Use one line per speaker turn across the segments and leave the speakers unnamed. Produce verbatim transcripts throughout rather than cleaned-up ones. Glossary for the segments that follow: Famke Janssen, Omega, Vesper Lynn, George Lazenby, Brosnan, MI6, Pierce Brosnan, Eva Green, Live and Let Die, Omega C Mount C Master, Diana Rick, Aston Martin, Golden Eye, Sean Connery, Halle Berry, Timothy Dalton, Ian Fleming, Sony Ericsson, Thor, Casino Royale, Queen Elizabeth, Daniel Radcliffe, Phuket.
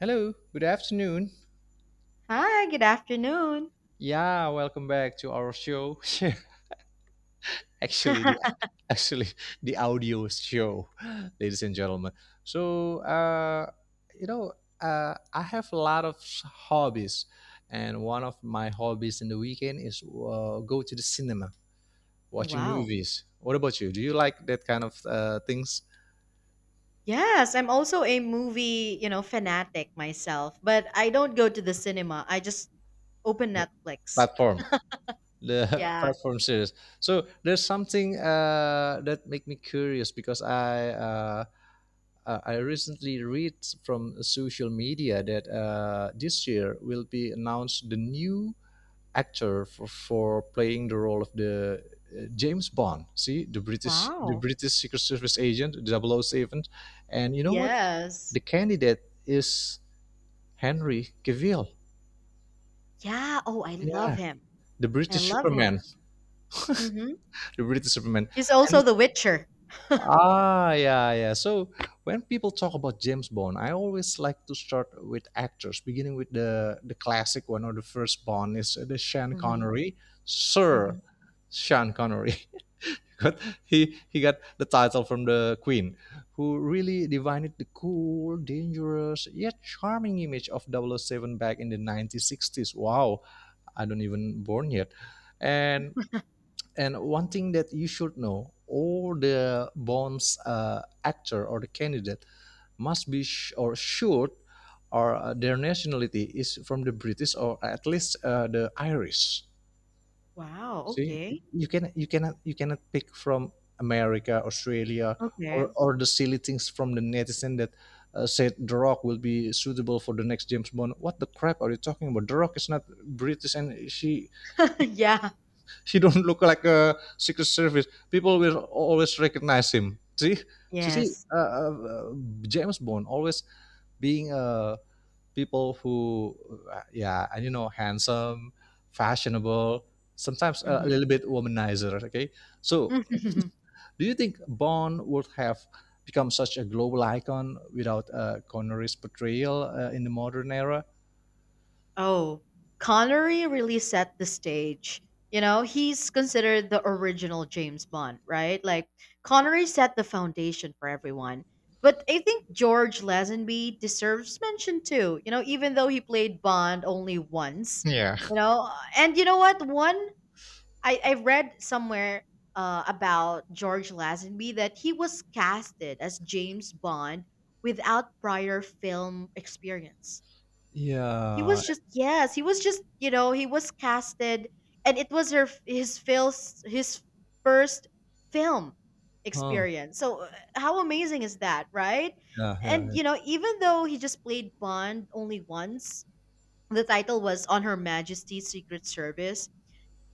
Hello, good afternoon.
Hi, good afternoon.
Yeah, welcome back to our show. actually, the actually the audio show, ladies and gentlemen. So, uh, you know, uh, I have a lot of hobbies, and one of my hobbies in the weekend is uh, go to the cinema, watching
Wow.
movies. What about you? Do you like that kind of uh, things?
Yes, I'm also a movie, you know, fanatic myself, but I don't go to the cinema. I just open Netflix.
Platform the
Yeah.
platform series. So there's something uh, that make me curious because i uh, Uh, I recently read from social media that uh, this year will be announced the new actor for, for playing the role of the uh, James Bond. See, the British the
Wow.
British Secret Service agent, the Double O Seven. And you know what?
Yes.
The candidate is Henry Cavill.
Yeah. Oh, I love
Yeah,
him.
the
I
British
love
Superman,
him. Mm-hmm.
the British Superman.
He's also
And
The Witcher.
Ah, yeah, yeah. So when people talk about James Bond, I always like to start with actors, beginning with the the classic one, or the first Bond is uh, the Sean
Mm-hmm.
Connery, Sir
Mm-hmm.
Sean Connery. got he he got the title from the Queen, who really divined the cool, dangerous yet charming image of Double O Seven back in the nineteen sixties. Wow, I don't even born yet. And and one thing that you should know, all the bonds uh, actor or the candidate must be sh- or should or uh, their nationality is from the British, or at least uh, the Irish.
Wow.
See,
Okay.
you can you cannot you cannot pick from America, Australia, or
Okay.
or the silly things from the netizen that uh, said The Rock will be suitable for the next James Bond. What the crap are you talking about? The Rock is not British, and she
yeah.
he don't look like a secret service. People will always recognize him. See, see, see,
Yes.
uh, uh, James Bond always being uh, people who, uh, yeah, and you know, handsome, fashionable, sometimes uh, a
Mm-hmm.
little bit womanizer. Okay, so do you think Bond would have become such a global icon without uh, Connery's portrayal uh, in the modern era?
Oh, Connery really set the stage. You know, he's considered the original James Bond, right? Like, Connery set the foundation for everyone. But I think George Lazenby deserves mention too, you know, even though he played Bond only once,
Yeah.
you know. And you know what? One, I, I read somewhere uh, about George Lazenby that he was casted as James Bond without prior film experience. He
Yeah.
was just, yes, he was just, you know he was casted, and it was her his fil's his first film
Huh.
experience. So uh, how amazing is that, right?
Yeah. Yeah,
And
yeah.
you know even though he just played Bond only once, the title was On Her Majesty's Secret Service.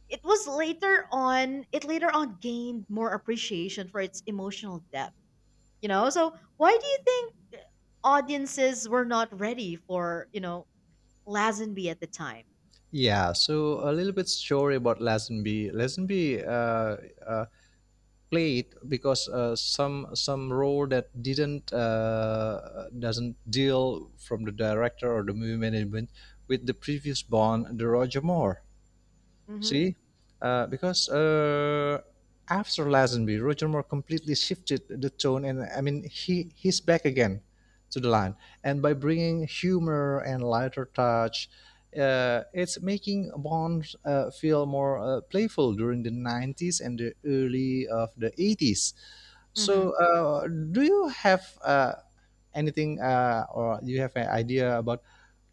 It was later on, it later on gained more appreciation for its emotional depth. You know, so why do you think audiences were not ready for you know Lazenby at the time?
Yeah, so a little bit story about Lazenby. Lazenby uh, uh, played because uh, some some role that didn't uh, doesn't deal from the director or the movie management with the previous Bond, the Roger Moore.
Mm-hmm.
See, uh, because uh, after Lazenby, Roger Moore completely shifted the tone, and I mean he he's back again to the line, and by bringing humor and lighter touch, uh, it's making Bond uh, feel more uh, playful during the nineties and the early of the eighties.
Mm-hmm.
So, uh, do you have uh, anything uh, or you have an idea about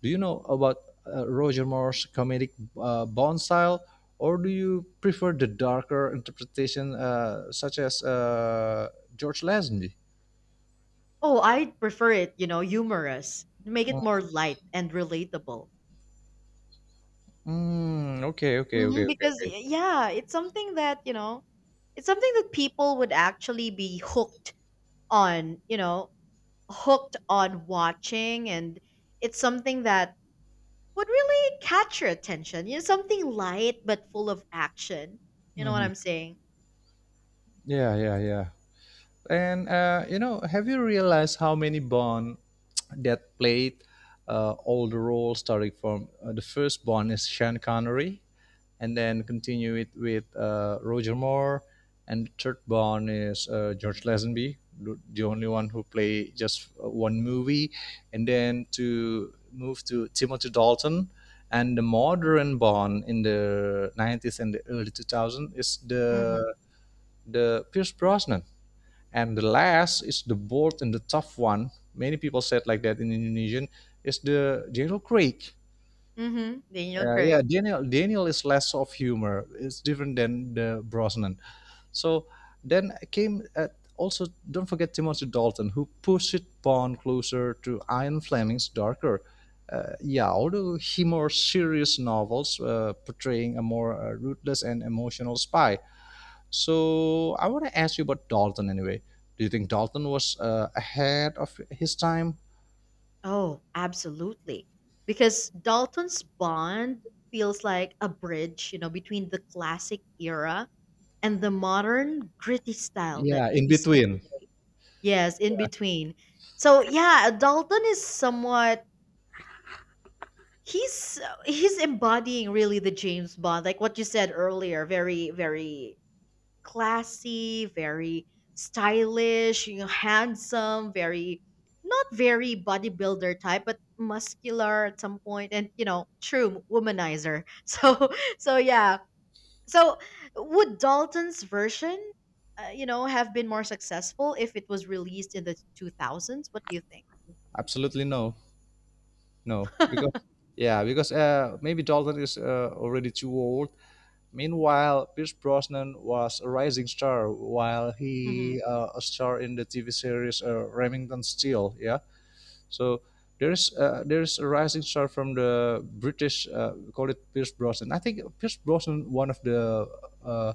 do you know about uh, Roger Moore's comedic uh, Bond style, or do you prefer the darker interpretation uh, such as uh, George Lazenby?
Oh, I prefer it, you know, humorous. Make it more light and relatable.
Mm, okay, okay, okay,
Mm-hmm.
okay,
Because
okay.
y- yeah, it's something that, you know, it's something that people would actually be hooked on, you know, hooked on watching, and it's something that would really catch your attention. You know, something light but full of action. You know what
Hmm.
I'm saying?
Yeah, yeah, yeah. And uh, you know, have you realized how many Bond that played uh, all the roles, starting from uh, the first Bond is Sean Connery, and then continue it with uh, Roger Moore, and the third Bond is uh, George Lazenby, the the only one who played just uh, one movie, and then to move to Timothy Dalton. And the modern Bond in the nineties and the early two thousands is the
Mm-hmm.
the Pierce Brosnan, and the last is the bold and the tough one. Many people said like that in Indonesian is the Daniel Craig.
Mm-hmm. Daniel
Uh, yeah,
Craig.
Daniel Daniel is less of humor. It's different than the Brosnan. So then came uh also don't forget Timothy Dalton, who pushed Bond closer to Ian Fleming's darker. Uh, yeah, although he more serious novels uh, portraying a more uh, ruthless and emotional spy. So I want to ask you about Dalton anyway. Do you think Dalton was uh, ahead of his time?
Oh, absolutely. Because Dalton's bond feels like a bridge, you know, between the classic era and the modern gritty style that
Yeah, in
we see
between.
today. Yes, in between. So, yeah, Dalton is somewhat he's he's embodying really the James Bond, like what you said earlier, very, very classy, very stylish, you know, handsome, very, not very bodybuilder type, but muscular at some point, and you know, true womanizer. So, so yeah. So, would Dalton's version, uh, you know, have been more successful if it was released in the two thousands? What do you think?
Absolutely no, no, because yeah, because uh, maybe Dalton is uh, already too old. Meanwhile, Pierce Brosnan was a rising star, while
hmm
he uh, a star in the T V series uh, Remington Steele. Yeah, so there's uh, there's a rising star from the British. Uh, we call it Pierce Brosnan. I think Pierce Brosnan one of the uh,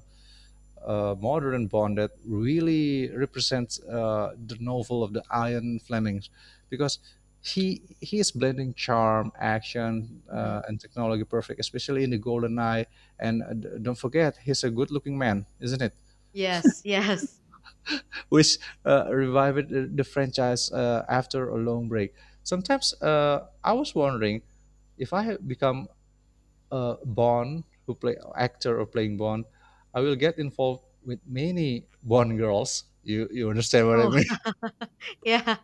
uh, modern bond that really represents uh, the novel of the Ian Fleming, because he he is blending charm, action, uh,
hmm
and technology perfect, especially in the Golden Eye. And uh, don't forget, he's a good-looking man, isn't it?
Yes. Yes.
Which uh, revived the, the franchise uh, after a long break. Sometimes uh, I was wondering if I had become uh, Bond, who play actor or playing Bond, I will get involved with many Bond girls. You you understand what I
Oh,
mean?
yeah.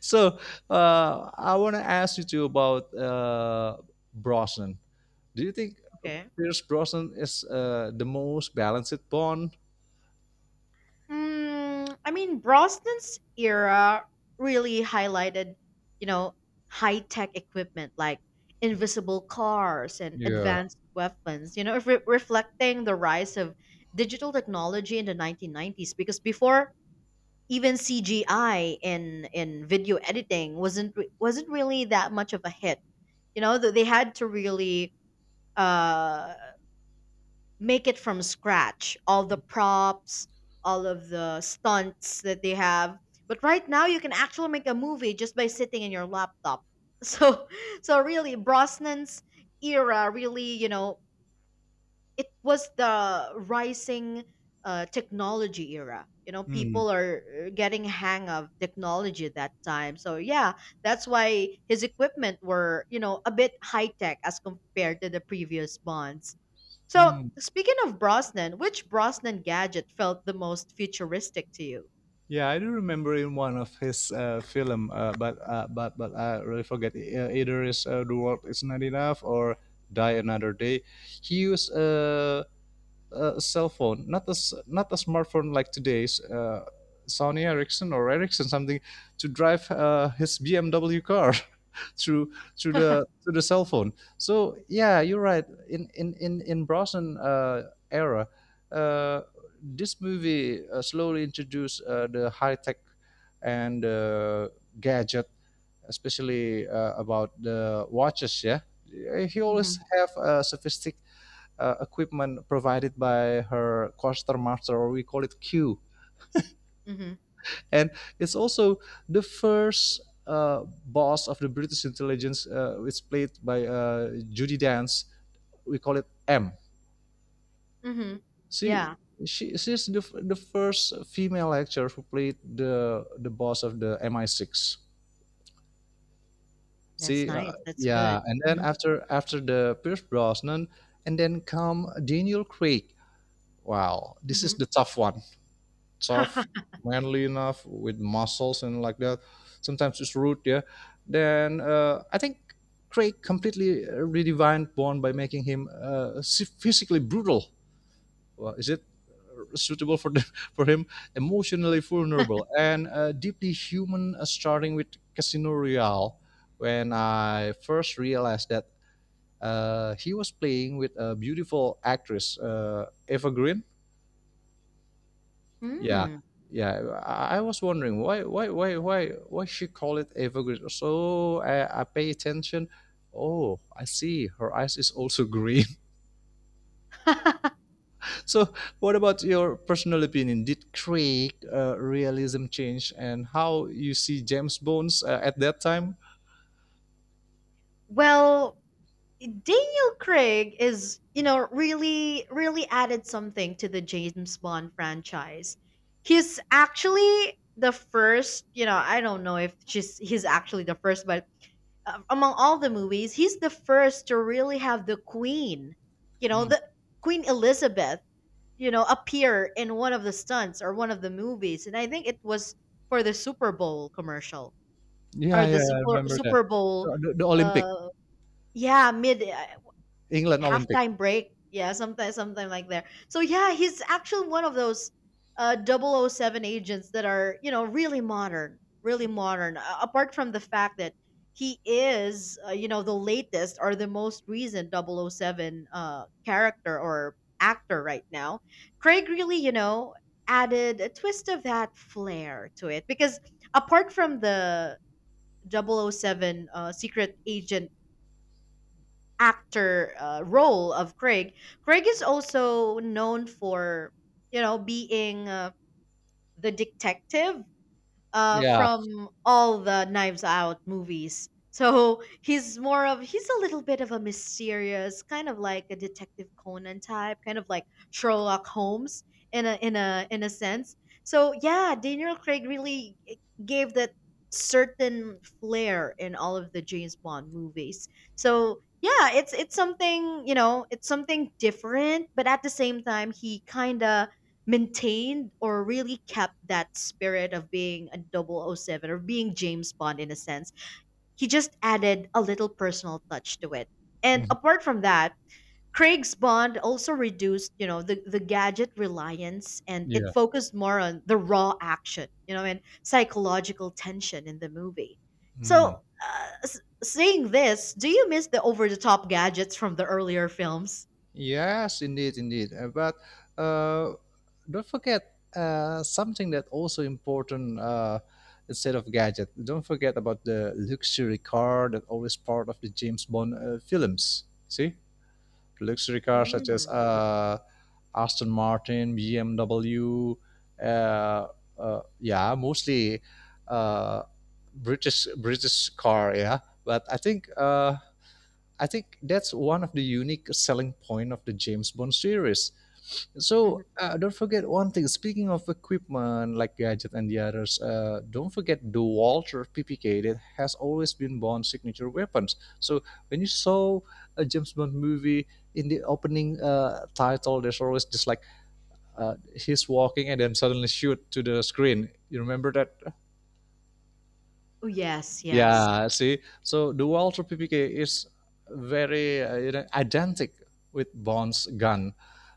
So uh, I want to ask you too about uh, Brosnan. Do you think
Okay.
Pierce Brosnan is uh, the most balanced Bond?
Mm, I mean, Brosnan's era really highlighted, you know, high tech equipment like invisible cars and
Yeah.
advanced weapons, you know, re- reflecting the rise of digital technology in the nineteen nineties. Because before, even C G I in in video editing wasn't re- wasn't really that much of a hit. You know, th- they had to really uh make it from scratch, all the props, all of the stunts that they have. But right now, you can actually make a movie just by sitting in your laptop. so so really, Brosnan's era, really, you know it was the rising uh, technology era. you know
Hmm.
people are uh, getting hang of technology at that time, so yeah, that's why his equipment were you know a bit high tech as compared to the previous bonds. So,
Hmm.
speaking of Brosnan, which Brosnan gadget felt the most futuristic to you?
Yeah, I do remember in one of his uh, film, uh, but uh, but but I really forget. Uh, either is uh, the world is not enough or die another day. He used uh, a cell phone, not a not a smartphone like today's uh, Sony Ericsson or Ericsson something, to drive uh, his B M W car through through the through the cell phone. So yeah, you're right. In in in in Brosnan uh, era, uh, this movie uh, slowly introduced uh, the high tech and uh, gadget, especially uh, about the watches. Yeah, he
hmm
always have a sophistic uh, equipment provided by her quartermaster, or we call it Q.
hmm
And it's also the first uh, boss of the British intelligence, uh, it's played by uh, Judy Dance. We call it M.
hmm
She
Yeah,
she she's the, the first female actor who played the the boss of the M I six.
that's
See, uh,
nice. That's
yeah,
good.
and then
hmm
after after the Pierce Brosnan, and then come Daniel Craig. Wow, this is
hmm
the tough one. Tough, manly enough with muscles and like that. Sometimes it's rude, yeah. Then uh, I think Craig completely uh, redefined Bond by making him uh, s- physically brutal. Well, is it suitable for the, for him? Emotionally vulnerable and uh, deeply human, uh, starting with Casino Royale. When I first realized that uh, he was playing with a beautiful actress, uh, Eva Green. Yeah,
Hmm.
yeah. I I was wondering why, why, why, why, why she call it evergreen. So I, I pay attention. Oh, I see. Her eyes is also green. So, what about your personal opinion? Did Craig uh, realism change, and how you see James Bones uh, at that time?
Well, Daniel Craig is, you know, really, really added something to the James Bond franchise. He's actually the first, you know, I don't know if she's he's actually the first, but uh, among all the movies, he's the first to really have the queen, you know,
Hmm.
the Queen Elizabeth, you know, appear in one of the stunts or one of the movies. And I think it was for the Super Bowl commercial
Yeah,
or the
yeah, I
Super
remember that.
Super Bowl,
The, the, the Olympic.
uh yeah, mid, uh,
England Olympic.
halftime break. Yeah, something something like there. So yeah, he's actually one of those uh double oh 007 agents that are, you know, really modern, really modern. Uh, apart from the fact that he is, uh, you know, the latest or the most recent double oh 007 uh character or actor right now. Craig really, you know, added a twist of that flair to it, because apart from the double oh 007 uh, secret agent actor, uh, role of Craig. Craig is also known for, you know, being uh, the detective, uh,
Yeah.
from all the Knives Out movies. So he's more of, he's a little bit of a mysterious kind of like a detective Conan type, kind of like Sherlock Holmes in a in a in a sense. So yeah, Daniel Craig really, eh, gave that certain flair in all of the James Bond movies. So yeah, it's it's something, you know, it's something different, but at the same time, he kind of maintained or really kept that spirit of being a double O seven or being James Bond in a sense. He just added a little personal touch to it. And
Mhm.
apart from that, Craig's Bond also reduced, you know, the, the gadget reliance, and it
Yeah.
focused more on the raw action, you know, and psychological tension in the movie.
Mm.
So, uh, s- seeing this, do you miss the over the top gadgets from the earlier films?
Yes, indeed, indeed. Uh, But uh, don't forget uh, something that also important, uh, instead of gadget. Don't forget about the luxury car that always part of the James Bond uh, films. See, luxury cars such as
Mm.
uh, Aston Martin, B M W. Uh, uh, yeah, mostly uh, British British car. Yeah, but I think. Uh, I think that's one of the unique selling point of the James Bond series. So
mhm.
uh, don't forget one thing. Speaking of equipment like gadget and the others, uh, don't forget the Walter P P K that has always been Bond's signature weapons. So when you saw a James Bond movie in the opening uh, title, there's always just like uh, he's walking and then suddenly shoot to the screen. You remember that?
Oh, yes, yes.
Yeah, see, so the Walther P P K is very uh, you know, identical with Bond's gun.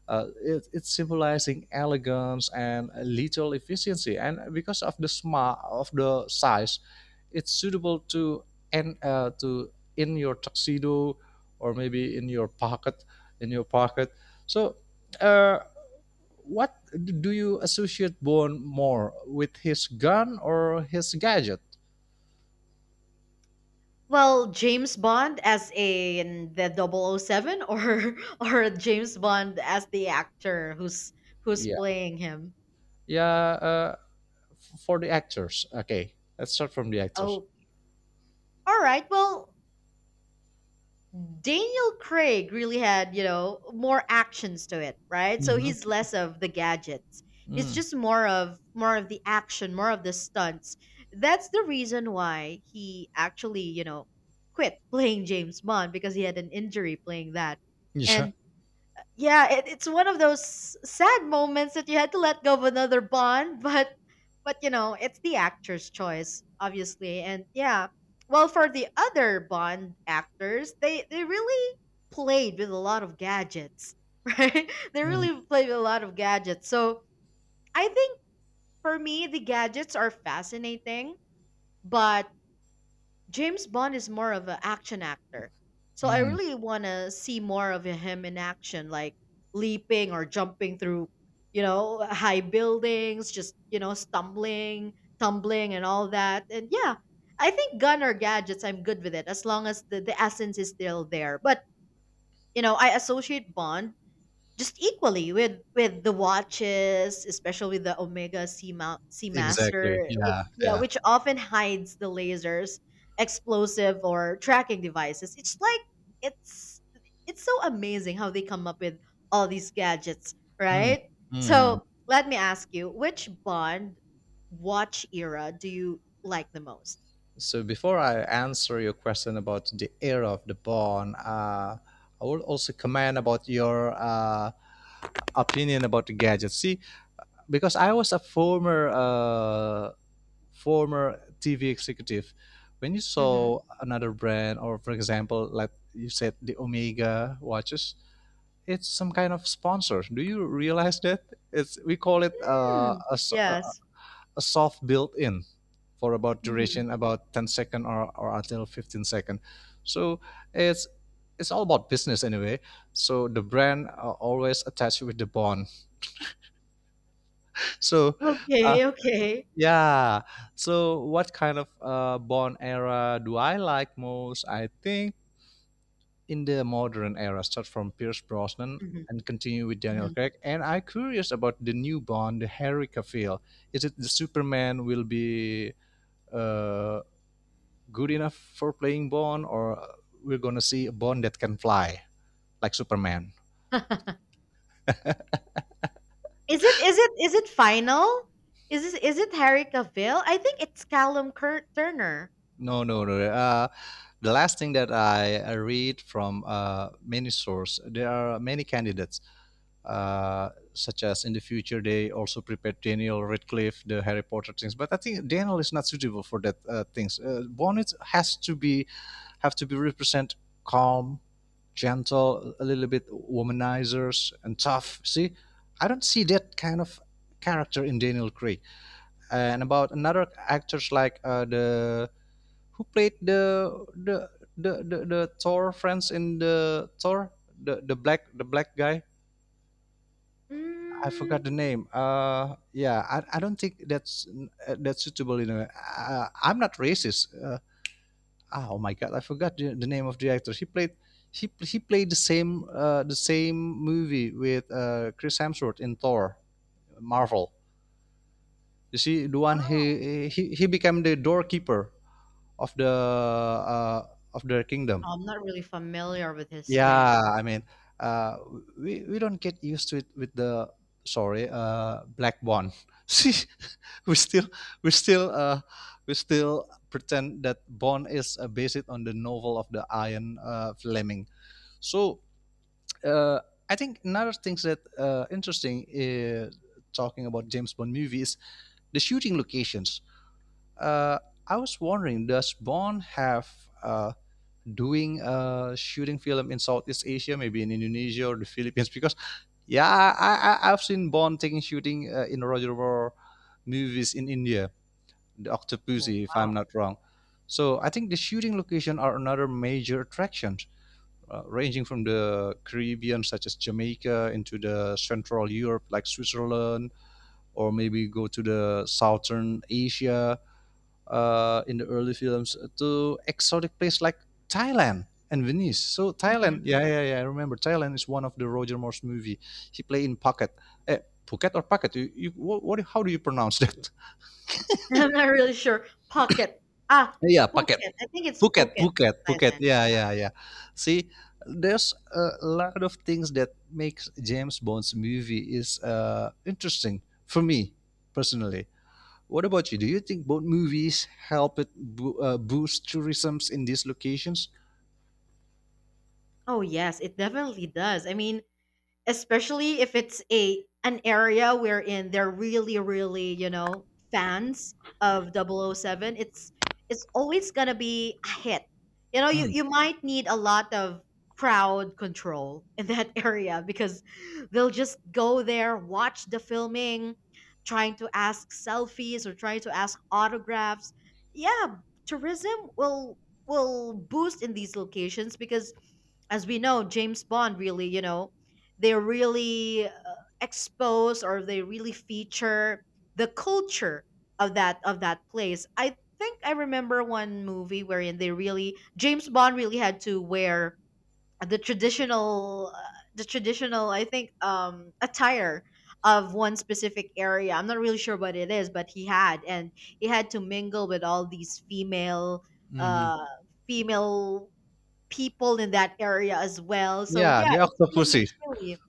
Uh, it, it's symbolizing elegance and lethal efficiency, and because of the smart of the size, it's suitable to and uh, to in your tuxedo, or maybe in your pocket, in your pocket. So, uh, what do you associate Bond more with, his gun or his gadget?
Well, James Bond as in the double oh 007 or or James Bond as the actor who's who's playing him.
Yeah, uh, f- for the actors. Okay, let's start from the actors.
Oh, all right. Well, Daniel Craig really had, you know, more actions to it, right? So
Mm-hmm.
he's less of the gadgets. It's
Mm.
just more of more of the action, more of the stunts. That's the reason why he actually, you know, quit playing James Bond because he had an injury playing that.
Yeah.
And yeah, it, it's one of those sad moments that you had to let go of another bond, but but you know, it's the actor's choice, obviously. And yeah, well, for the other Bond actors, they they really played with a lot of gadgets, right? They
Mm.
really played with a lot of gadgets. So I think for me, the gadgets are fascinating, but James Bond is more of an action actor. So I
Mm.
really want to see more of him in action, like leaping or jumping through, you know, high buildings, just, you know, stumbling, tumbling, and all that. And yeah, I think gun or gadgets, I'm good with it as long as the, the essence is still there. But, you know, I associate Bond just equally with with the watches, especially with the Omega C Mount C Master,
Exactly.
w-
Yeah.
yeah,
Yeah.
which often hides the lasers, explosive or tracking devices. It's like it's it's so amazing how they come up with all these gadgets,
Mm.
right?
Hmm.
So let me ask you, which Bond watch era do you like the most?
So before I answer your question about the era of the Bond, uh, I will also comment about your uh, opinion about the gadget. See, because I was a former uh, former T V executive. When you
Mm-hmm.
saw another brand, or for example, like you said, the Omega watches, it's some kind of sponsor. Do you realize that it's we call it uh,
Hmm,
a a
yes.
soft built-in for about duration
hmm
about ten second, or, or until fifteen second. So it's it's all about business anyway. So the brand are always attached with the bond. So, uh,
Okay. Okay.
yeah. So what kind of uh, bond era do I like most? I think in the modern era, start from Pierce Brosnan
hmm
and continue with Daniel
hmm
Craig. And I'm curious about the new Bond, the Harry Cavill. Is it the Superman will be uh, good enough for playing Bond, or we're gonna see a Bond that can fly like Superman?
Is it, is it is it final? Is this is it Harry Cavill? I think it's Callum Cur- Turner.
No, no, no. Uh, the last thing that I I read from uh, many sources, there are many candidates, uh, such as in the future they also prepared Daniel Radcliffe, the Harry Potter things. But I think Daniel is not suitable for that uh, things. Uh, Bonnet has to be have to be represent calm, gentle, a little bit womanizers and tough. See, I don't see that kind of character in Daniel Craig. And about another actors like, uh, the who played the the the the, the Thor friends in the Thor, the the black the black guy. I forgot
Mm,
the name. Uh, yeah, I, I don't think that's uh, that's suitable. You know, uh, I'm not racist. Uh, ah, oh my god, I forgot the the name of the actor. He played he he played the same uh, the same movie with uh, Chris Hemsworth in Thor, Marvel. You see, the one
oh,
he he he became the doorkeeper of the uh, of their kingdom.
I'm not really familiar with his name.
Yeah, I mean, uh, we we don't get used to it with the sorry, uh, black bond. See, we still we still uh, we still pretend that Bond is uh, based on the novel of the Ian uh, Fleming. So uh, I think another things that uh, interesting is talking about James Bond movies, the shooting locations. Uh, I was wondering, does Bond have, uh, doing uh shooting film in Southeast Asia, maybe in Indonesia or the Philippines? Because yeah, I, I I've seen Bond taking shooting uh, in Roger Moore movies in India, the
Oh
Octopussy, if I'm
wow.
not wrong. So I think the shooting location are another major attraction, uh, ranging from the Caribbean, such as Jamaica, into the Central Europe, like Switzerland, or maybe go to the Southern Asia uh, in the early films to exotic places like Thailand and Venice. So
Mhm.
Thailand, yeah, yeah, yeah. I remember Thailand is one of the Roger Moore's movie. He played in Phuket, eh, Phuket or Phuket. You, you, what, what? How do you pronounce that?
I'm not really sure. Pocket. Ah,
Yeah, Phuket,
Phuket. I think it's
Phuket,
Phuket,
Phuket, Phuket.
Thailand.
Yeah, yeah, yeah. See, there's a lot of things that makes James Bond's movie is uh, interesting for me personally. What about you? Do you think Bond movies help it bo- uh, boost tourism in these locations?
Oh yes, it definitely does. I mean, especially if it's a an area wherein they're really, really, you know fans of double oh 007. It's it's always gonna be a hit. you know you,
Mm.
you might need a lot of crowd control in that area, because they'll just go there, watch the filming, trying to ask selfies or trying to ask autographs. Yeah, tourism will will boost in these locations because, as we know, James Bond really, you know, they really uh, expose, or they really feature the culture of that of that place. I think I remember one movie wherein they really James Bond really had to wear the traditional uh, the traditional, I think, um attire of one specific area. I'm not really sure what it is, but he had and he had to mingle with all these female
Mhm.
uh female people in that area as well. So
Yeah, the
yeah, it's really
octopussy.
it's really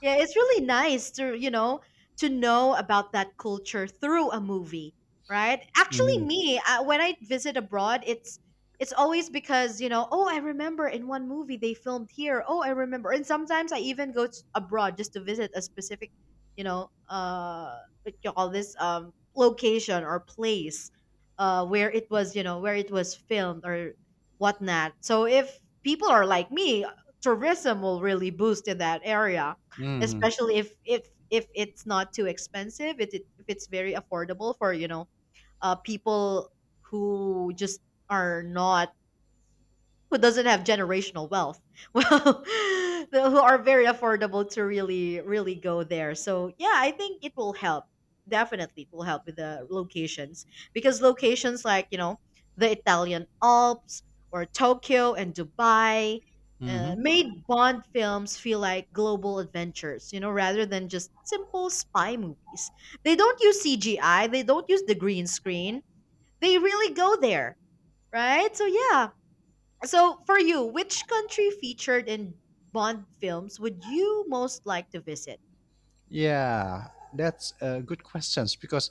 yeah, it's really nice to, you know, to know about that culture through a movie, right? Actually
Mhm.
me, uh, when I visit abroad, it's it's always because, you know, oh, I remember in one movie they filmed here. Oh, I remember. And sometimes I even go s- abroad just to visit a specific, you know, uh what you call this, um location or place, uh where it was, you know, where it was filmed or whatnot. So if people are like me, tourism will really boost in that area,
Mhm.
especially if if if it's not too expensive, if it if it's very affordable for you know uh people who just are not who doesn't have generational wealth well the- who are very affordable to really really go there. So yeah, I think it will help. Definitely it will help with the locations, because locations like, you know, the Italian Alps or Tokyo and Dubai uh,
Mhm.
made Bond films feel like global adventures, you know, rather than just simple spy movies. They don't use CGI, they don't use the green screen, they really go there, right? So yeah, so, for you, which country featured in Bond films would you most like to visit?
Yeah, that's uh, good questions because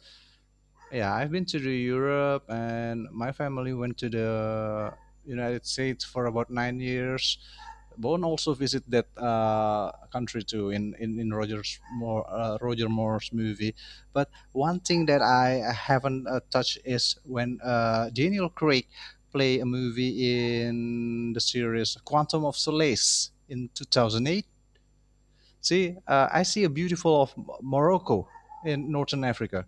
yeah, I've been to the Europe and my family went to the United States for about nine years. Bowen also visited that uh, country too in in, in Roger's more uh, Roger Moore's movie. But one thing that I haven't uh, touched is when uh, Daniel Craig play a movie in the series Quantum of Solace in two thousand eight. See, uh, I see a beautiful of Morocco in Northern Africa.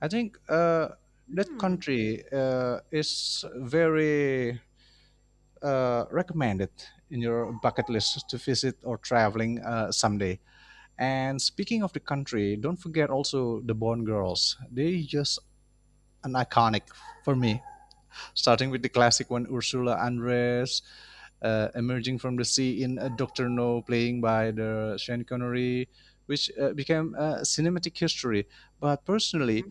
I think uh, that
Hmm.
country uh, is very uh, recommended in your bucket list to visit or traveling uh, someday? And speaking of the country, don't forget also the Bond Girls. They just an iconic for me, starting with the classic one, Ursula Andress, uh, emerging from the sea in uh, Doctor No, playing by the Sean Connery, which uh, became a cinematic history. But personally,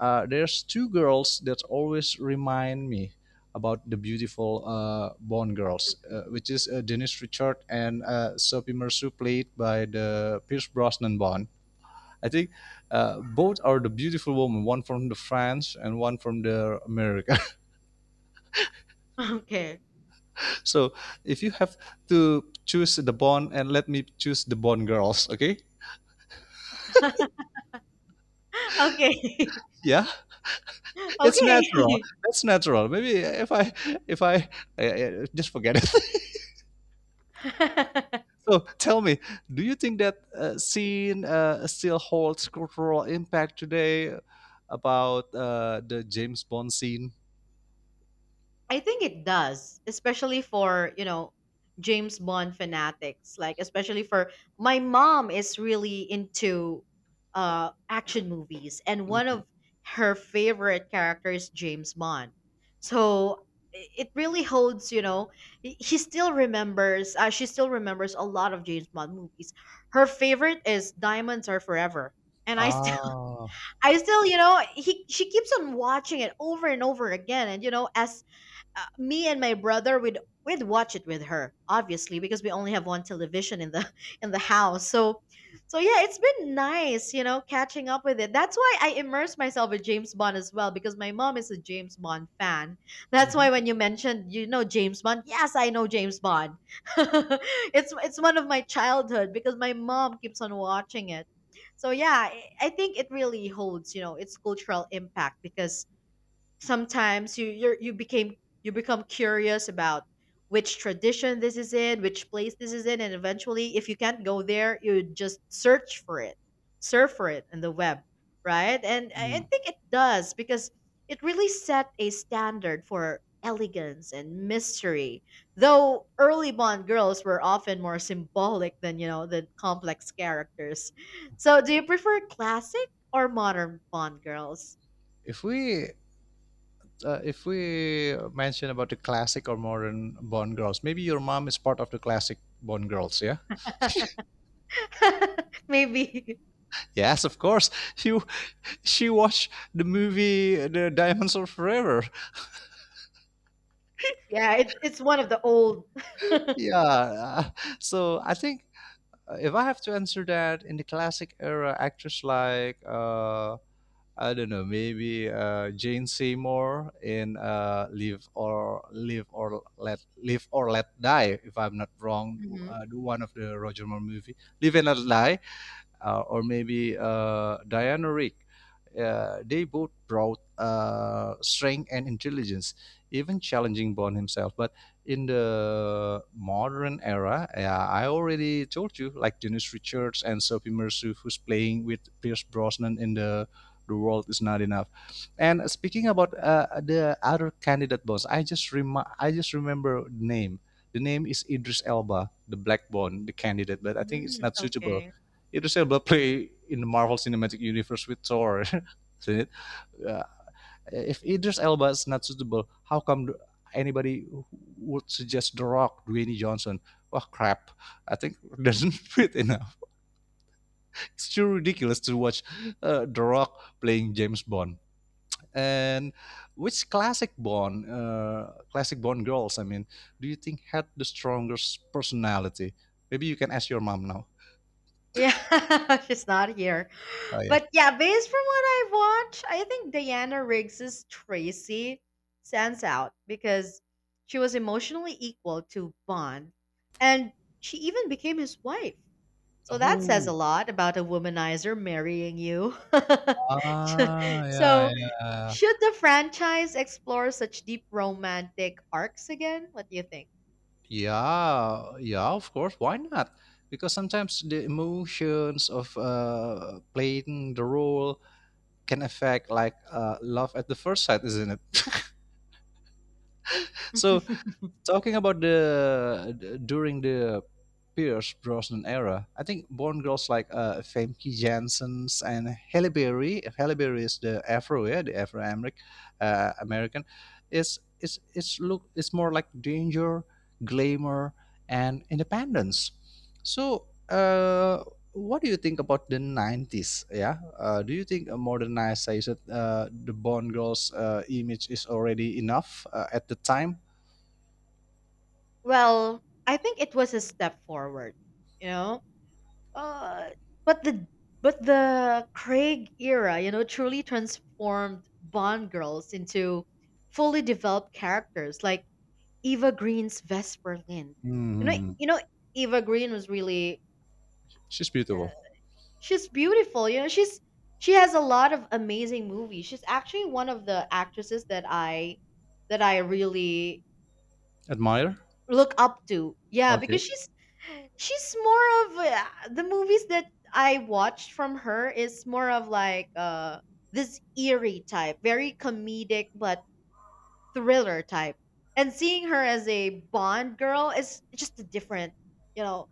uh, there's two girls that always remind me about the beautiful uh, Bond girls, uh, which is uh, Denise Richards and uh, Sophie Mercer, played by the Pierce Brosnan Bond. I think uh, both are the beautiful women, one from the France and one from the America.
Okay.
So if you have to choose the Bond and let me choose the Bond girls, okay?
Okay.
Yeah, it's natural.
Okay.
That's natural. Maybe if I, if I, uh, just forget it. So tell me, do you think that uh, scene uh, still holds cultural impact today about uh, the James Bond scene?
I think it does, especially for, you know, James Bond fanatics, like especially for my mom is really into uh action movies, and one
Mhm.
of her favorite characters is James Bond. So i- it really holds, you know, he he still remembers, uh, she still remembers a lot of James Bond movies. Her favorite is Diamonds Are Forever. And I still
Ah.
I still, you know, he she keeps on watching it over and over again, and you know, as uh, me and my brother would, we'd watch it with her obviously because we only have one television in the in the house. So so yeah, it's been nice, you know, catching up with it. That's why I immerse myself with James Bond as well, because my mom is a James Bond fan. That's
Mhm.
why when you mentioned, you know, James Bond, yes, I know James Bond. it's it's one of my childhood because my mom keeps on watching it. So yeah, I I think it really holds, you know, its cultural impact, because sometimes you you're, you became you become curious about which tradition this is in, which place this is in, and eventually, if you can't go there, you just search for it, surf for it in the web, right? And I I
Mm.
think it does because it really set a standard for elegance and mystery. Though early Bond girls were often more symbolic than, you know, the complex characters. So, do you prefer classic or modern Bond girls?
If we uh, if we mention about the classic or modern Bond girls, maybe your mom is part of the classic Bond girls, yeah?
Maybe.
Yes, of course. You She watched the movie The Diamonds Are Forever.
Yeah, it's it's one of the old.
Yeah. uh, So I think Uh, if I have to answer that in the classic era, actors like, uh, I don't know, maybe uh, Jane Seymour in uh, Live or Live or Let Live or Let Die, if I'm not wrong,
Mhm.
uh, one of the Roger Moore movie, Live and Let Die, uh, or maybe uh, Diana Rick, uh, they both brought uh, strength and intelligence, even challenging Bond himself. But in the modern era, yeah, I already told you, like Dennis Richards and Sophie Mercer, who's playing with Pierce Brosnan in the the world is not enough. And speaking about uh, the other candidate bonds, I just rem- I just remember the name. The name is Idris Elba, the black bond, the candidate, but I think it's
Mm,
not suitable.
okay.
Idris Elba play in the Marvel Cinematic Universe with Thor. Isn't it? Uh, if Idris Elba is not suitable, how come anybody would suggest The Rock, Dwayne Johnson? Oh crap! I think it doesn't
Mhm.
fit enough. It's too ridiculous to watch uh, The Rock playing James Bond. And which classic Bond, uh, classic Bond girls, I mean, do you think had the strongest personality? Maybe you can ask your mom now.
Yeah, she's not here.
Oh yeah.
But yeah, based from what I've watched, I think Diana Riggs's Tracy stands out because she was emotionally equal to Bond and she even became his wife. So that says a
Oh
lot about a womanizer marrying you.
Ah, yeah,
So,
yeah,
should the franchise explore such deep romantic arcs again? What do you think?
yeah, yeah. Of course, why not? Because sometimes the emotions of uh, playing the role can affect like uh, love at the first sight, isn't it? so Talking about the d- during the Pierce Brosnan era, I think born girls like uh, Famke Janssen's and Halle Berry. Halle Berry is the Afro, yeah, the Afro American. Uh, American is is is look, it's more like danger, glamour, and independence. So, uh, what do you think about the nineties? Yeah, uh, do you think a modernized, I said, uh, the Bond girls' uh, image is already enough uh, at the time?
Well, I think it was a step forward, you know. Uh, but the but the Craig era, you know, truly transformed Bond girls into fully developed characters like Eva Green's Vesper Lynn. You know,
Mm,
you know, Eva Green was really
she's
uh,
beautiful.
she's beautiful. You know, she's she has a lot of amazing movies. She's actually one of the actresses that I that I really
Admire.
look up to. Yeah,
Okay.
because she's she's more of uh, the movies that I watched from her is more of like uh this eerie type, very comedic but thriller type. And seeing her as a Bond girl is just a different, you know,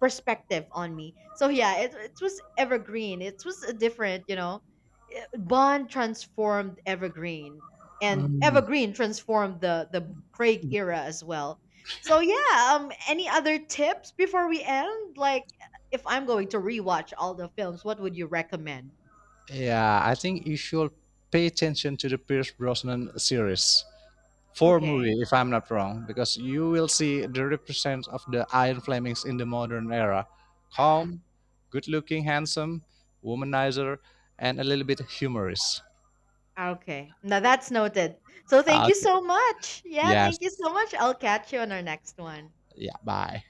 perspective on me. So yeah, it it was evergreen. It was a different, you know, eh, Bond transformed evergreen, and
Mm,
evergreen transformed the the Craig era as well. So yeah, um, any other tips before we end? Like, if I'm going to rewatch all the films, what would you recommend?
yeah, I think you should pay attention to the Pierce Brosnan series. Four movie,
Okay.
if I'm not wrong, because you will see the represent of the Iron Flemings in the modern era. Calm, good looking, handsome, womanizer, and a little bit humorous.
Okay. Now that's noted. So thank you
Okay.
so much. Yeah, thank you so
Yes.
much. I'll catch you on our next one.
Yeah, bye.